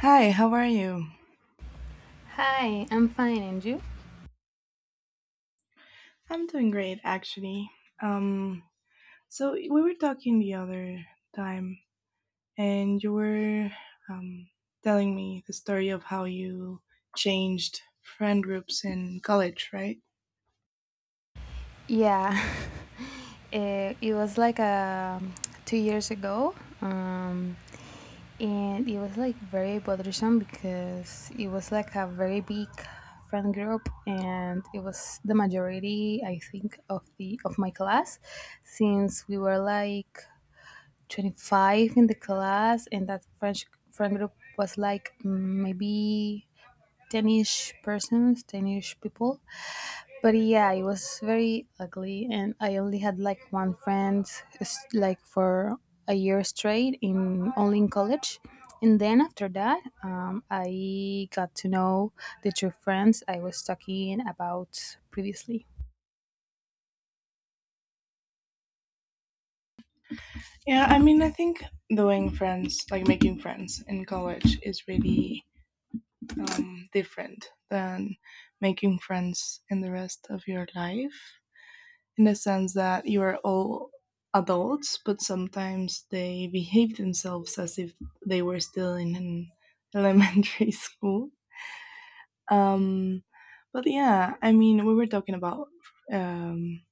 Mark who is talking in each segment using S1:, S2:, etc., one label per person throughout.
S1: Hi, how are you?
S2: Hi, I'm fine, and you?
S1: I'm doing great, actually. Um, so we were talking the other time, and you were um, telling me the story of how you changed friend groups in college, right?
S2: Yeah, it was like 2 years ago, um, and it was like very bothersome because it was like a very big friend group, and it was the majority, I think, of my class, since we were like 25 in the class, and that French friend group was like maybe ten ish persons, ten ish people. But yeah, it was very ugly, and I only had like one friend, like for a year straight in college, and then after that, I got to know the true friends I was talking about previously.
S1: Yeah, I mean, I think doing friends, like making friends in college, is really different than making friends in the rest of your life, in the sense that you are all adults, but sometimes they behave themselves as if they were still in an elementary school. Um, but yeah, I mean, we were talking about um,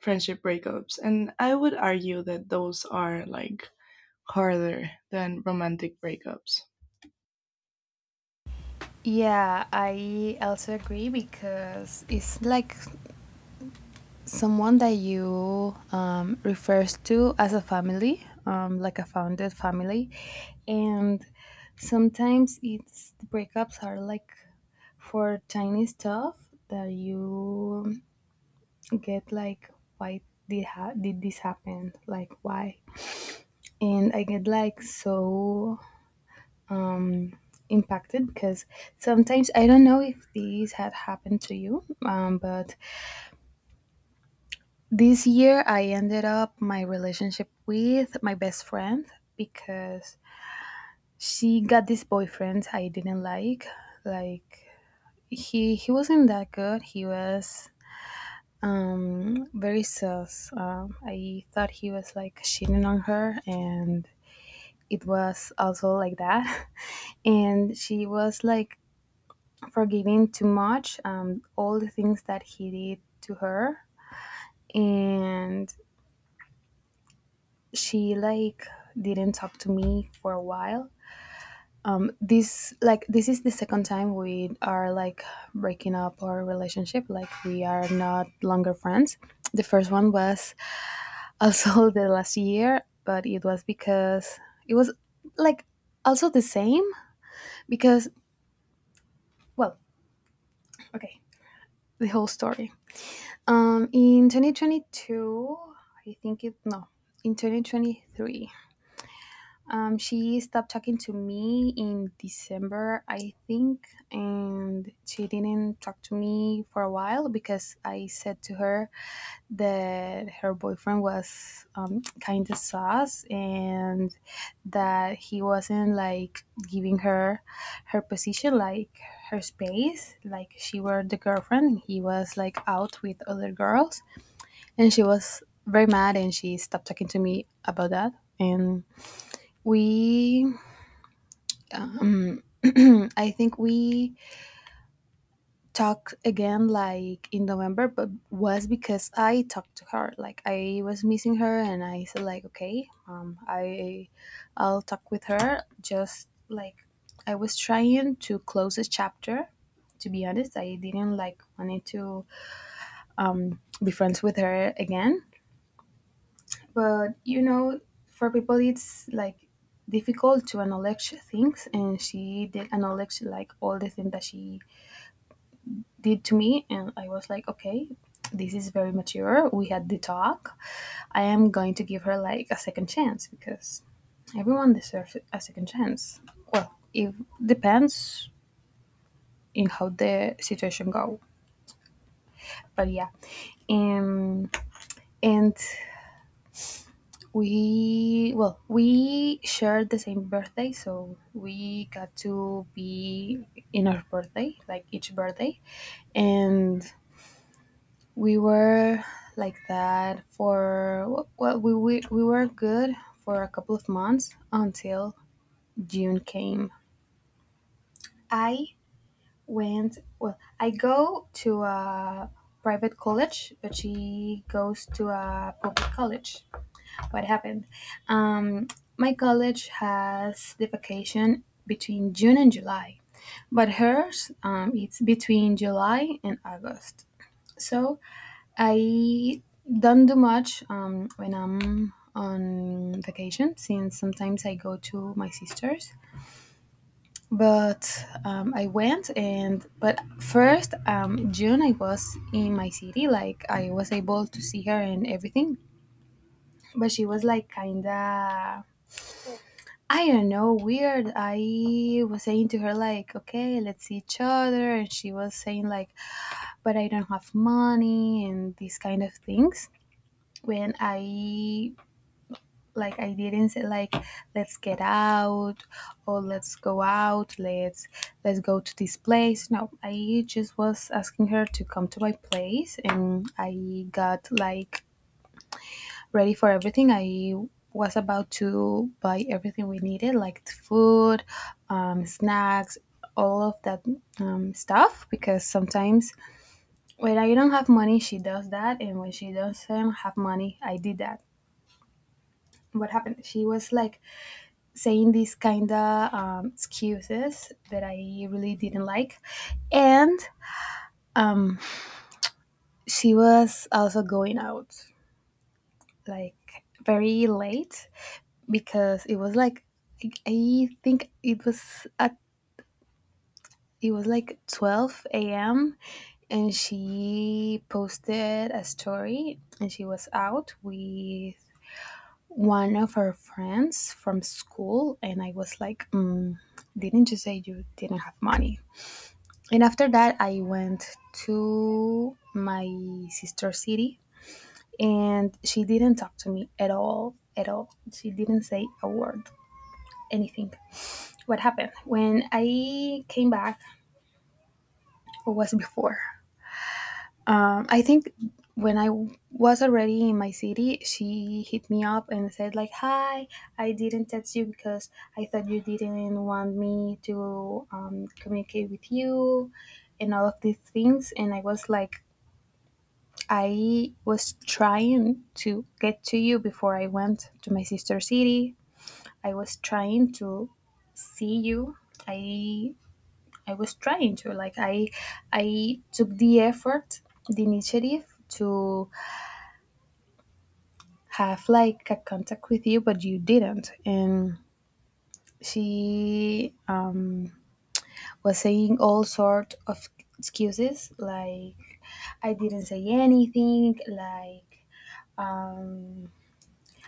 S1: friendship breakups, and I would argue that those are like harder than romantic breakups.
S2: Yeah, I also agree because it's like someone that you refers to as a family, like a founded family, and sometimes it's the breakups are like for tiny stuff that you get like, why did did this happen? Like why? And I get like so um, impacted because sometimes I don't know if these had happened to you, but this year, I ended up my relationship with my best friend because she got this boyfriend I didn't like. Like he wasn't that good. He was very sus. I thought he was like cheating on her, and it was also like that. And she was like forgiving too much. All the things that he did to her, and she like didn't talk to me for a while. This is the second time we are like breaking up our relationship, like we are not longer friends. The first one was also the last year, but it was because it was like also the same because, well, okay, the whole story. In 2022, I think. It no in 2023, she stopped talking to me in December, I think, and she didn't talk to me for a while because I said to her that her boyfriend was kind of sus and that he wasn't like giving her her position, like her space, like she were the girlfriend. He was like out with other girls, and she was very mad and she stopped talking to me about that. And we, I think we talked again like in November, but was because I talked to her. Like I was missing her, and I said like, okay, I'll talk with her. Just like I was trying to close a chapter. To be honest, I didn't like wanted to be friends with her again. But for people, it's like difficult to acknowledge things, and she did acknowledge like all the things that she did to me, and I was like, okay, this is very mature. We had the talk. I am going to give her like a second chance because everyone deserves a second chance. Well, it depends in how the situation go, but yeah, um, and we shared the same birthday, so we got to be in our birthday, like each birthday. And we were like that for, well, we were good for a couple of months until June came. I went Well, I go to a private college, but she goes to a public college. What happened? Um, my college has the vacation between June and July, but hers it's between July and August. So I don't do much when I'm on vacation, since sometimes I go to my sister's. But I went, and but first, June I was in my city, like I was able to see her and everything. But she was like kinda, I don't know, weird. I was saying to her like, okay, let's see each other, and she was saying like, but I don't have money and these kind of things. When I, like, I didn't say like, let's get out or let's go out, let's go to this place. No, I just was asking her to come to my place, and I got like ready for everything. I was about to buy everything we needed, like the food, snacks, all of that stuff, because sometimes when I don't have money, she does that, and when she doesn't have money, I did that. What happened, she was like saying these kind of excuses that I really didn't like. And um, she was also going out like very late because it was like I think it was at, it was like, 12 a.m., and she posted a story and she was out with one of her friends from school, and I was like, mm, didn't you say you didn't have money? And after that, I went to my sister city, and she didn't talk to me at all, at all. She didn't say a word, anything. What happened when I came back, or was before, I think, when I was already in my city, she hit me up and said like, hi, I didn't text you because I thought you didn't want me to communicate with you and all of these things. And I was like, I was trying to get to you before I went to my sister city. I was trying to see you. I I was trying to, like, I took the effort, the initiative, to have like a contact with you, but you didn't. And she was saying all sort of excuses, like, I didn't say anything, like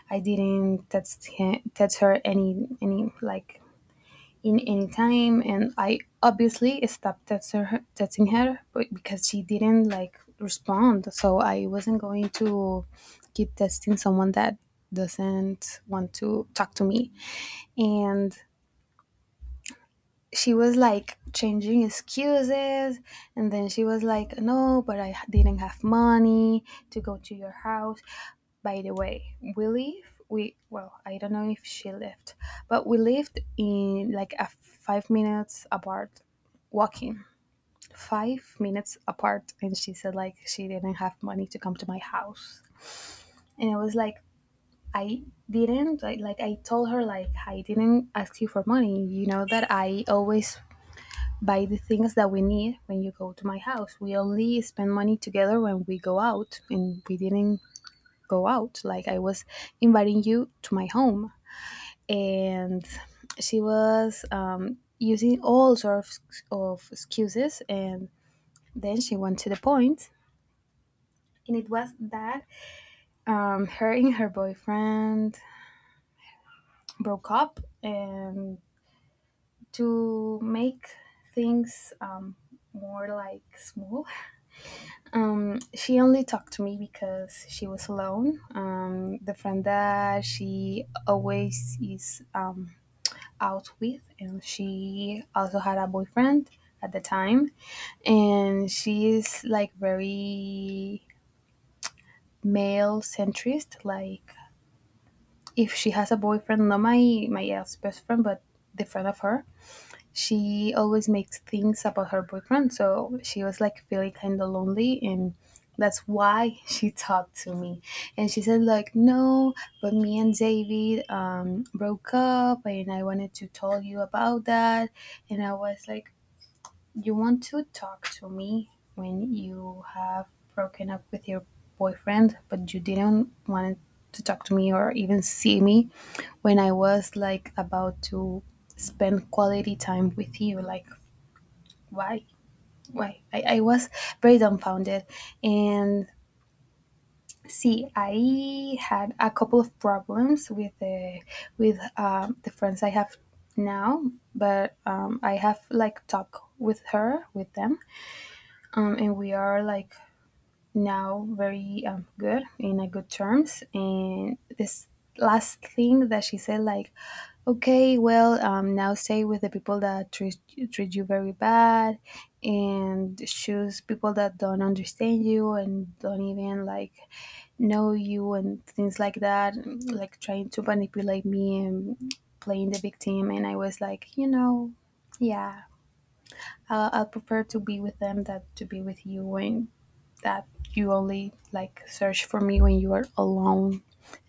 S2: I didn't text him, text her, any like, in any time, and I obviously stopped texting her, but because she didn't like respond, so I wasn't going to keep texting someone that doesn't want to talk to me, and she was like changing excuses. And then she was like, no, but I didn't have money to go to your house. By the way, we live, we, well, I don't know if she lived, but we lived in like a 5 minutes apart, walking, 5 minutes apart. And she said like she didn't have money to come to my house, and I was like, I didn't like I told her, like I didn't ask you for money, you know that I always buy the things that we need when you go to my house. We only spend money together when we go out, and we didn't go out. Like I was inviting you to my home, and she was using all sorts of excuses, and then she went to the point, and it was that her and her boyfriend broke up, and to make things more like smooth, she only talked to me because she was alone. The friend that she always is out with, and she also had a boyfriend at the time, and she is like very male centrist. Like if she has a boyfriend, not my ex best friend, but the friend of her, she always makes things about her boyfriend, so she was like feeling kind of lonely, and that's why she talked to me. And she said like, no, but me and David broke up and I wanted to tell you about that. And I was like, you want to talk to me when you have broken up with your boyfriend, but you didn't want to talk to me or even see me when I was like about to spend quality time with you? Like why, why? I was very dumbfounded. And see, I had a couple of problems with the friends I have now, but I have like talked with her, with them, and we are like now very good, in a good terms, and this last thing that she said, like, okay, well, now stay with the people that treat you very bad, and choose people that don't understand you and don't even like know you and things like that. And, like, trying to manipulate me and playing the victim, and I was like, you know, yeah, I'll prefer to be with them than to be with you, and that you only like search for me when you are alone,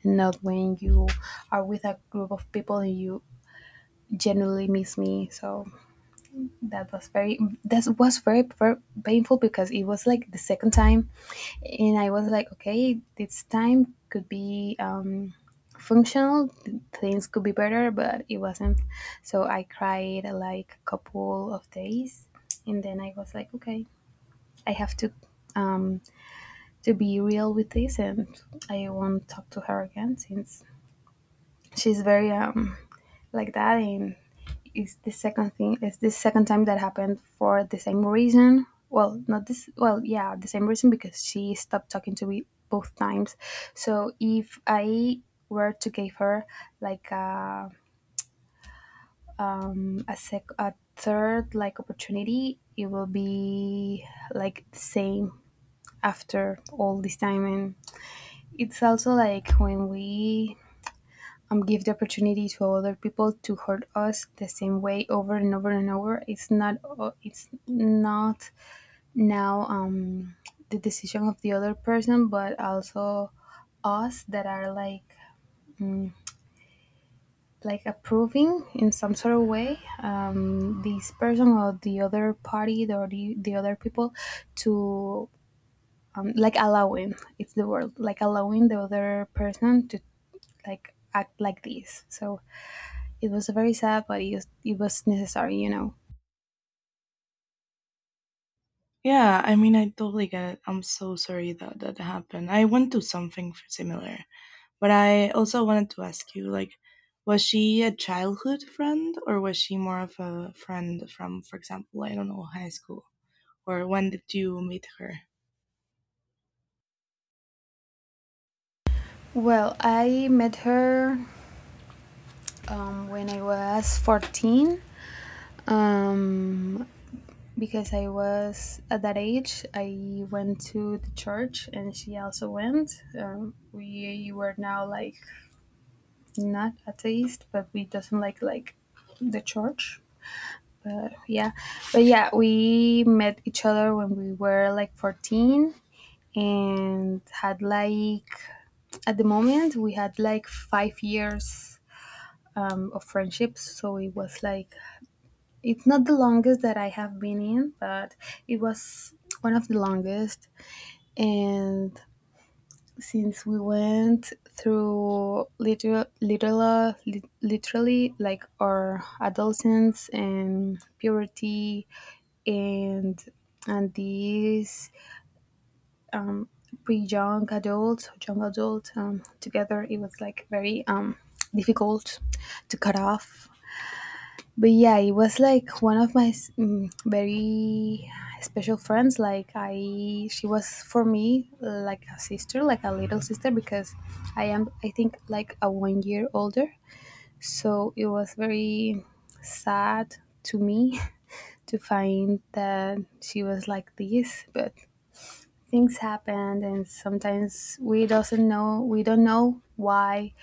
S2: not when you are with a group of people and you genuinely miss me. So that was very, that was very, very painful because it was like the second time, and I was like, okay, this time could be functional, things could be better, but it wasn't. So I cried like a couple of days, and then I was like, okay, I have um, to be real with this, and I won't talk to her again since she's very like that. And it's the second thing. It's the second time that happened for the same reason. Well, not this. Well, yeah, the same reason because she stopped talking to me both times. So if I were to give her like a a third, like, opportunity, it will be like the same after all this time. And it's also like when we give the opportunity to other people to hurt us the same way over and over and over, it's not now, the decision of the other person, but also us that are like, mm, like, approving in some sort of way, this person or the other party or the other people to, like, allowing, it's the word, like, allowing the other person to like act like this. So it was very sad, but it was necessary, you know.
S1: Yeah, I mean, I totally get it. I'm so sorry that that happened. I went to something similar. But I also wanted to ask you, like, was she a childhood friend or was she more of a friend from, for example, I don't know, high school? Or when did you meet her?
S2: Well, I met her when I was 14, um, because I was at that age. I went to the church and she also went. We were now like not atheist, but we doesn't like the church. But yeah, but yeah, we met each other when we were like 14 and had like, at the moment, we had like 5 years of friendships. So it was like, it's not the longest that I have been in, but it was one of the longest. And since we went through literally like our adolescence and puberty, and this pre young adult, young adult, together, it was like very difficult to cut off. But yeah, it was like one of my very special friends. Like, I, she was for me like a sister, like a little sister, because I am, I think, like a 1 year older. So it was very sad to me to find that she was like this. But things happen and sometimes we don't know why,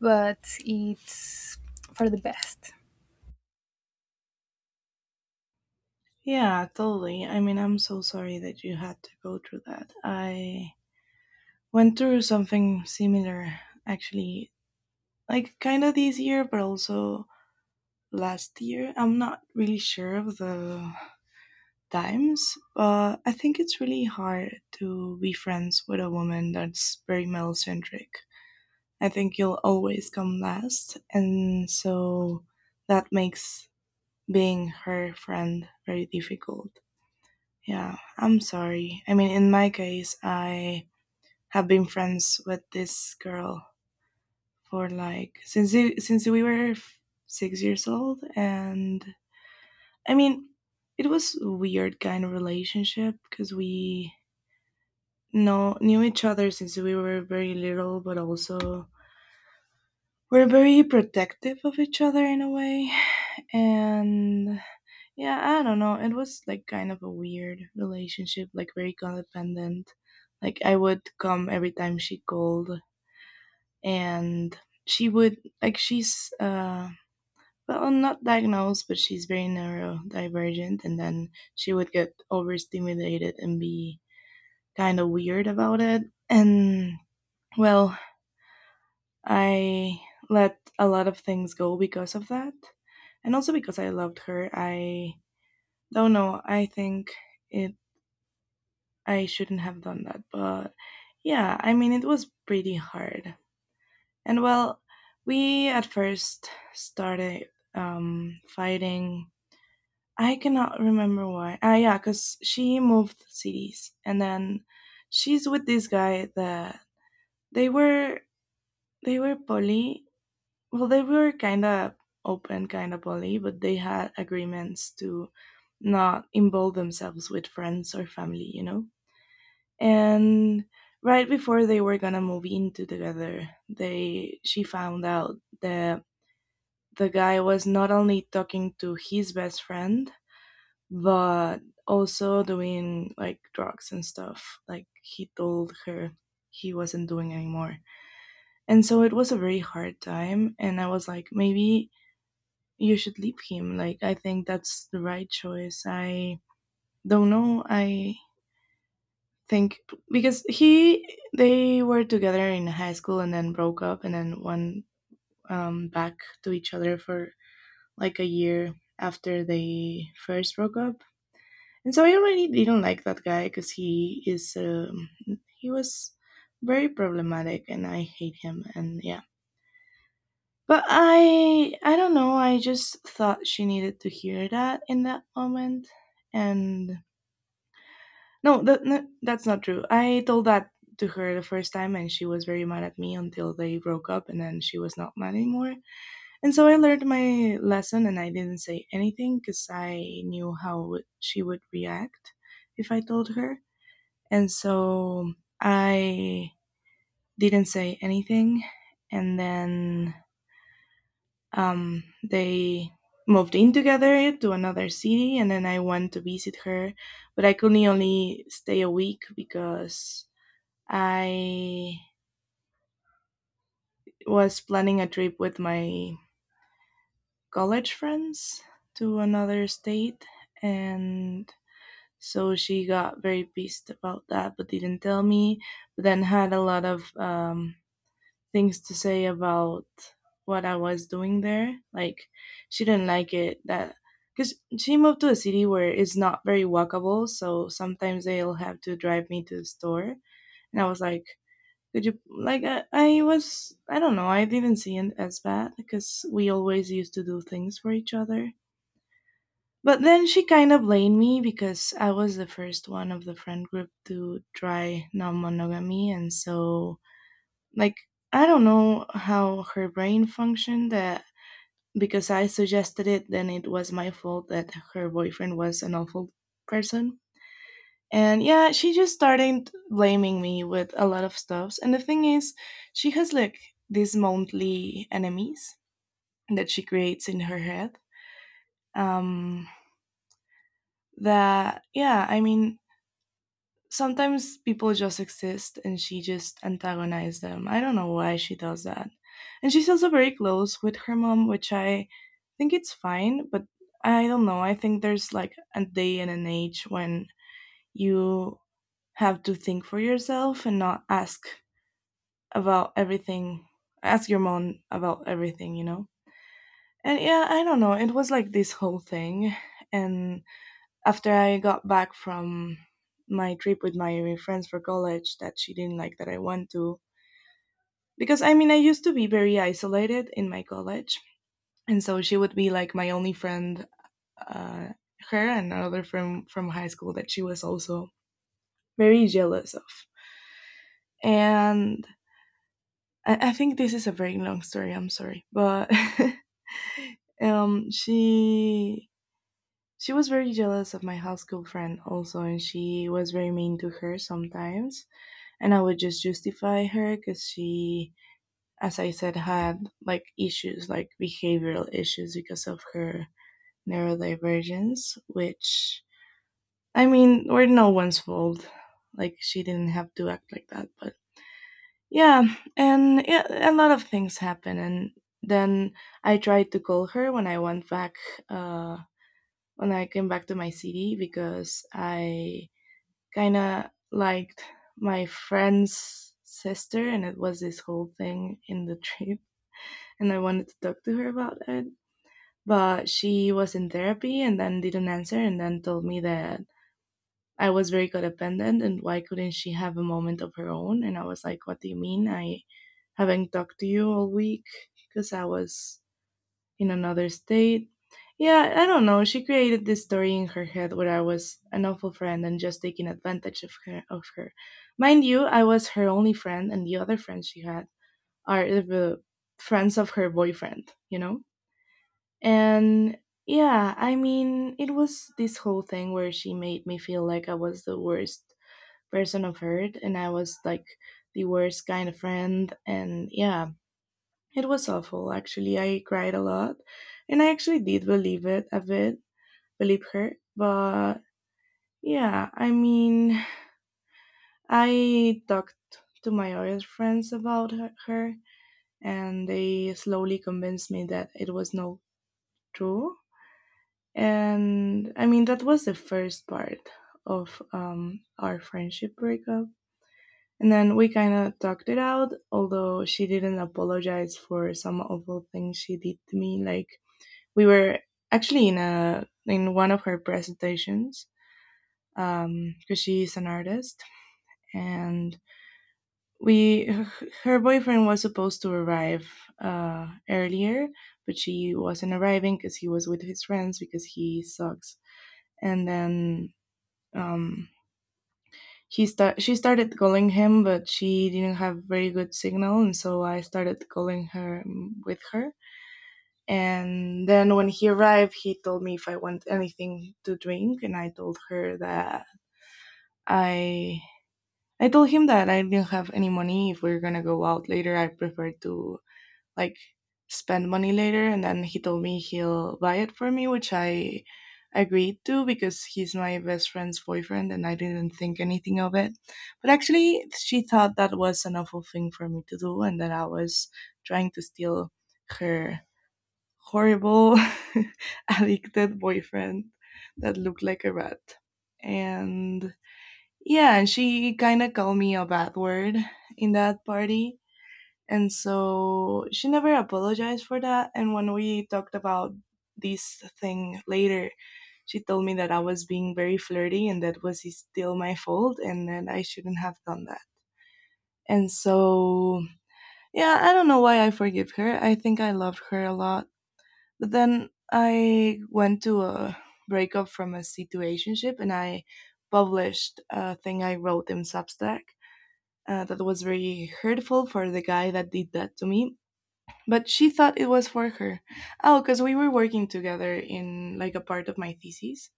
S2: but it's for the best.
S1: Yeah, totally. I mean, I'm so sorry that you had to go through that. I went through something similar, actually, like kind of this year, but also last year. I'm not really sure of the times. I think it's really hard to be friends with a woman that's very male centric. I think you'll always come last, and so that makes being her friend very difficult. Yeah, I'm sorry. I mean, in my case, I have been friends with this girl for like since we were 6 years old, and I mean, it was a weird kind of relationship because we no knew each other since we were very little, but also we're very protective of each other in a way. And yeah, I don't know, it was like kind of a weird relationship, like very codependent, like I would come every time she called. And she would like, she's well, not diagnosed, but she's very neurodivergent. And then she would get overstimulated and be kind of weird about it. And well, I let a lot of things go because of that. And also because I loved her. I don't know, I think it I shouldn't have done that, but yeah, I mean it was pretty hard. And well, we at first started fighting. I cannot remember why. Ah, yeah, cuz she moved cities and then she's with this guy that they were they were poly, well, they were kind of open, kind of bully, but they had agreements to not involve themselves with friends or family, you know. And right before they were gonna move in to together, they she found out that the guy was not only talking to his best friend but also doing like drugs and stuff, like he told her he wasn't doing anymore. And so it was a very hard time, and I was like, maybe you should leave him. Like, I think that's the right choice. I don't know. I think because they were together in high school, and then broke up, and then went back to each other for like a year after they first broke up. And so I already didn't like that guy because he was very problematic, and I hate him. And yeah. But I don't know, I just thought she needed to hear that in that moment, and no, that's not true. I told that to her the first time, and she was very mad at me until they broke up, and then she was not mad anymore. And so I learned my lesson, and I didn't say anything cuz I knew how she would react if I told her. And so I didn't say anything. And then they moved in together to another city, and then I went to visit her. But I could only stay a week because I was planning a trip with my college friends to another state. And so she got very pissed about that, but didn't tell me. But then had a lot of things to say about what I was doing there. Like, she didn't like it that because she moved to a city where it's not very walkable, so sometimes they'll have to drive me to the store. And I was like, could you, like, I was, I don't know, I didn't see it as bad because we always used to do things for each other. But then she kind of blamed me because I was the first one of the friend group to try non monogamy, and so, like, I don't know how her brain functioned that, because I suggested it, then it was my fault that her boyfriend was an awful person. And yeah, she just started blaming me with a lot of stuffs. And the thing is, she has like these monthly enemies that she creates in her head. Um, that yeah, I mean, sometimes people just exist and she just antagonizes them. I don't know why she does that. And she's also very close with her mom, which I think it's fine, but I don't know, I think there's like a day and an age when you have to think for yourself and not ask about everything, ask your mom about everything, you know? And yeah, I don't know, it was like this whole thing. And after I got back from my trip with my friends for college that she didn't like that I went to. Because I mean, I used to be very isolated in my college. And so she would be like my only friend, uh, her and another friend from high school that she was also very jealous of. And I think this is a very long story, I'm sorry. But um, she. She was very jealous of my high school friend also, and she was very mean to her sometimes, and I would just justify her because she, as I said, had like issues, like behavioral issues because of her neurodivergence, which, I mean, were no one's fault. Like, she didn't have to act like that. But yeah, and yeah, a lot of things happen. And then I tried to call her when I went back, uh, when I came back to my city because I kind of liked my friend's sister, and it was this whole thing in the trip, and I wanted to talk to her about it. But she was in therapy and then didn't answer, and then told me that I was very codependent and why couldn't she have a moment of her own? And I was like, what do you mean? I haven't talked to you all week because I was in another state. Yeah, I don't know. She created this story in her head where I was an awful friend and just taking advantage of her. Of her, mind you, I was her only friend, and the other friends she had are the friends of her boyfriend, you know. And yeah, I mean, it was this whole thing where she made me feel like I was the worst person I've heard, and I was like the worst kind of friend. And yeah, it was awful, actually. I cried a lot, and I actually did believe it a bit, believe her. But yeah, I mean, I talked to my other friends about her, and they slowly convinced me that it was not true. And I mean, that was the first part of our friendship breakup. And then we kind of talked it out, although she didn't apologize for some awful things she did to me. Like, we were actually in one of her presentations, because she is an artist, and we her boyfriend was supposed to arrive earlier, but she wasn't arriving because he was with his friends because he sucks. And then um, he start she started calling him, but she didn't have very good signal, and so I started calling her, with her. And then when he arrived, he told me if I want anything to drink, and I I told him that I didn't have any money. If we are gonna go out later, I prefer to like spend money later. And then he told me he'll buy it for me, which I agreed to because he's my best friend's boyfriend, and I didn't think anything of it. But actually, she thought that was an awful thing for me to do, and that I was trying to steal her horrible addicted boyfriend that looked like a rat. And yeah, and she kind of called me a bad word in that party. And so she never apologized for that. And when we talked about this thing later, she told me that I was being very flirty, and that was still my fault, and that I shouldn't have done that. And so, yeah, I don't know why I forgive her. I think I love her a lot. But then I went to a breakup from a situationship, and I published a thing I wrote in Substack, that was very hurtful for the guy that did that to me. But she thought it was for her. Oh, because we were working together in like a part of my thesis,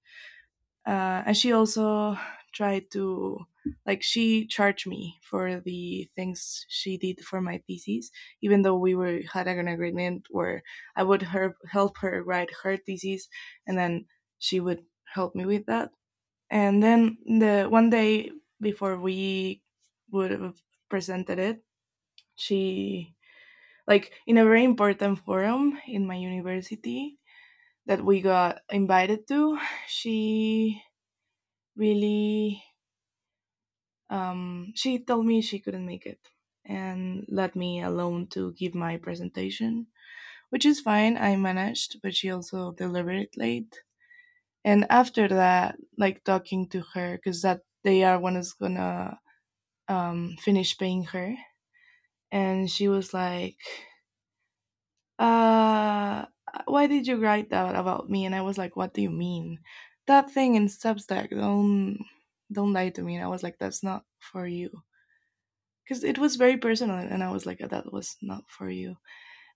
S1: and she also tried to like she charged me for the things she did for my thesis, even though we were had an agreement where I would help her write her thesis, and then she would help me with that. And then the one day before we would have presented it, she, like, in a very important forum in my university that we got invited to, she really she told me she couldn't make it and let me alone to give my presentation, which is fine. I managed, but she also delivered it late. And after that, like talking to her, because that they are one is gonna finish paying her, and she was like, "Uh, why did you write that about me?" And I was like, "What do you mean? That thing in Substack? Don't lie to me." And I was like, "That's not for you." Because it was very personal, and I was like, "Oh, that was not for you."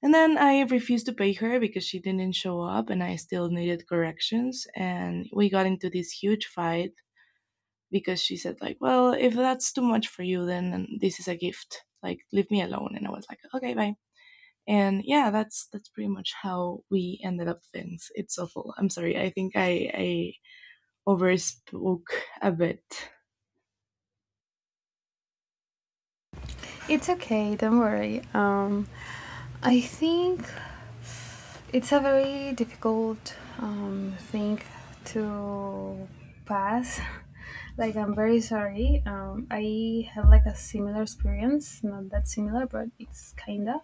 S1: And then I refused to pay her because she didn't show up, and I still needed corrections, and we got into this huge fight because she said, like, well, if that's too much for you, then this is a gift, like leave me alone. And I was like, okay, bye. And yeah, that's pretty much how we ended up things. It's awful. I'm sorry, I think I overspoke a bit.
S2: It's okay, don't worry. I think it's a very difficult thing to pass. Like, I'm very sorry. I had like a similar experience, not that similar, but it's kinda.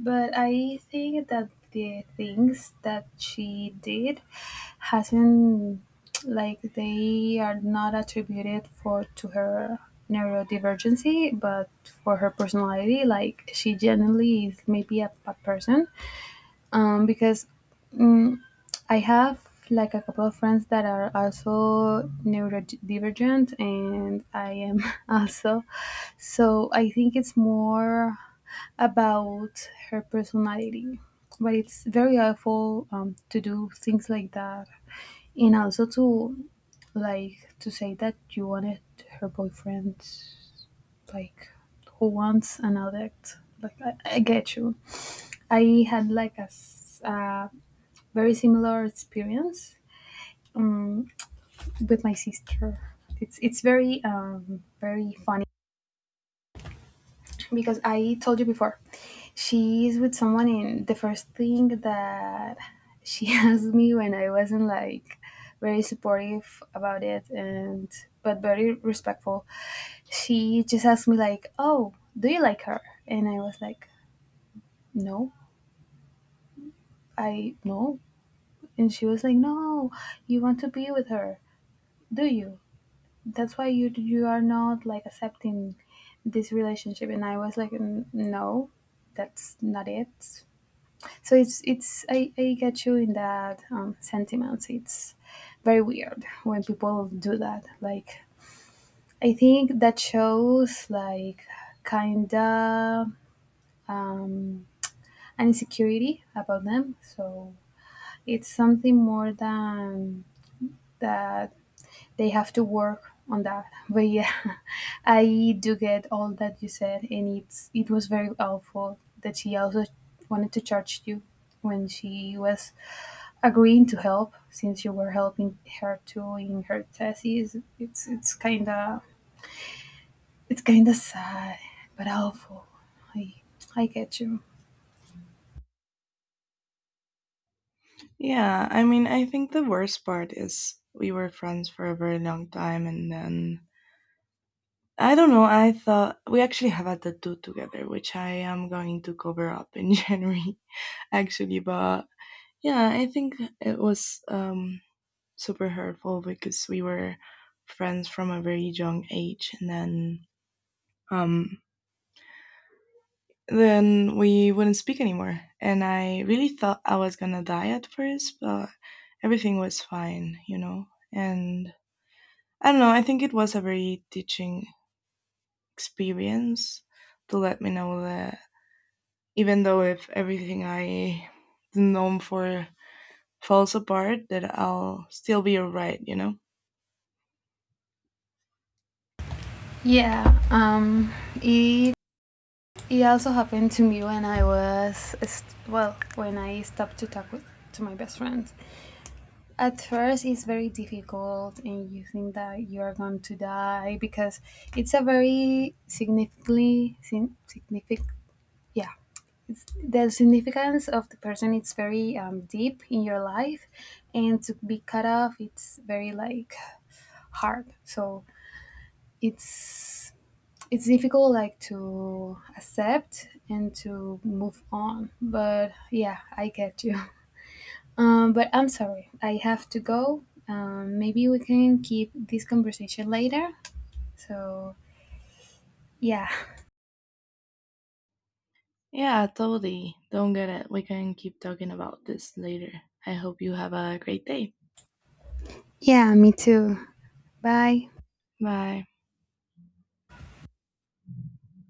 S2: But I think that the things that she did hasn't, like, they are not attributed for to her neurodivergency but for her personality. Like, she generally is maybe a bad person, because, mm I have like a couple of friends that are also neurodivergent, and I am also. So I think it's more about her personality. But it's very helpful, to do things like that, and also to, like, to say that you wanted her boyfriend, like, who wants an addict. Like, I get you. I had like a very similar experience um, with my sister. It's very very funny because I told you before, she's with someone, and the first thing that she asked me when I wasn't like very supportive about it, and but very respectful, she just asked me like, "Oh, do you like her?" And I was like, "No, I no." And she was like, "No, you want to be with her, do you? That's why you are not like accepting this relationship." And I was like, "N- No, that's not it." So it's, I get you in that sentiments. It's very weird when people do that. Like, I think that shows like, kinda, um, an insecurity about them. So it's something more than that, they have to work on that. But yeah. I do get all that you said, and it's, it was very awful that she also wanted to charge you when she was agreeing to help, since you were helping her too in her thesis. It's kind of, it's kind of sad, but helpful. I I get you.
S1: Yeah, I mean, I think the worst part is we were friends for a very long time, and then I don't know. I thought we actually have a tattoo together, which I am going to cover up in January, actually. But yeah, I think it was super hurtful because we were friends from a very young age. And then um, we wouldn't speak anymore. And I really thought I was gonna die at first, but everything was fine, and I don't know, I think it was a very teaching experience to let me know that even though if everything I am known for falls apart, that I'll still be alright. You know?
S2: Yeah. Um. It it also happened to me when I was, well, when I stopped to talk with to my best friend. At first, it's very difficult, and you think that you are going to die because it's a very significant, yeah, the significance of the person, it's very deep in your life, and to be cut off, it's very like hard. So it's it's difficult, like, to accept and to move on. But yeah, I get you. But I'm sorry, I have to go. Maybe we can keep this conversation later. So yeah.
S1: Yeah, totally. Don't get it. We can keep talking about this later. I hope you have a great day.
S2: Yeah, me too. Bye.
S1: Bye.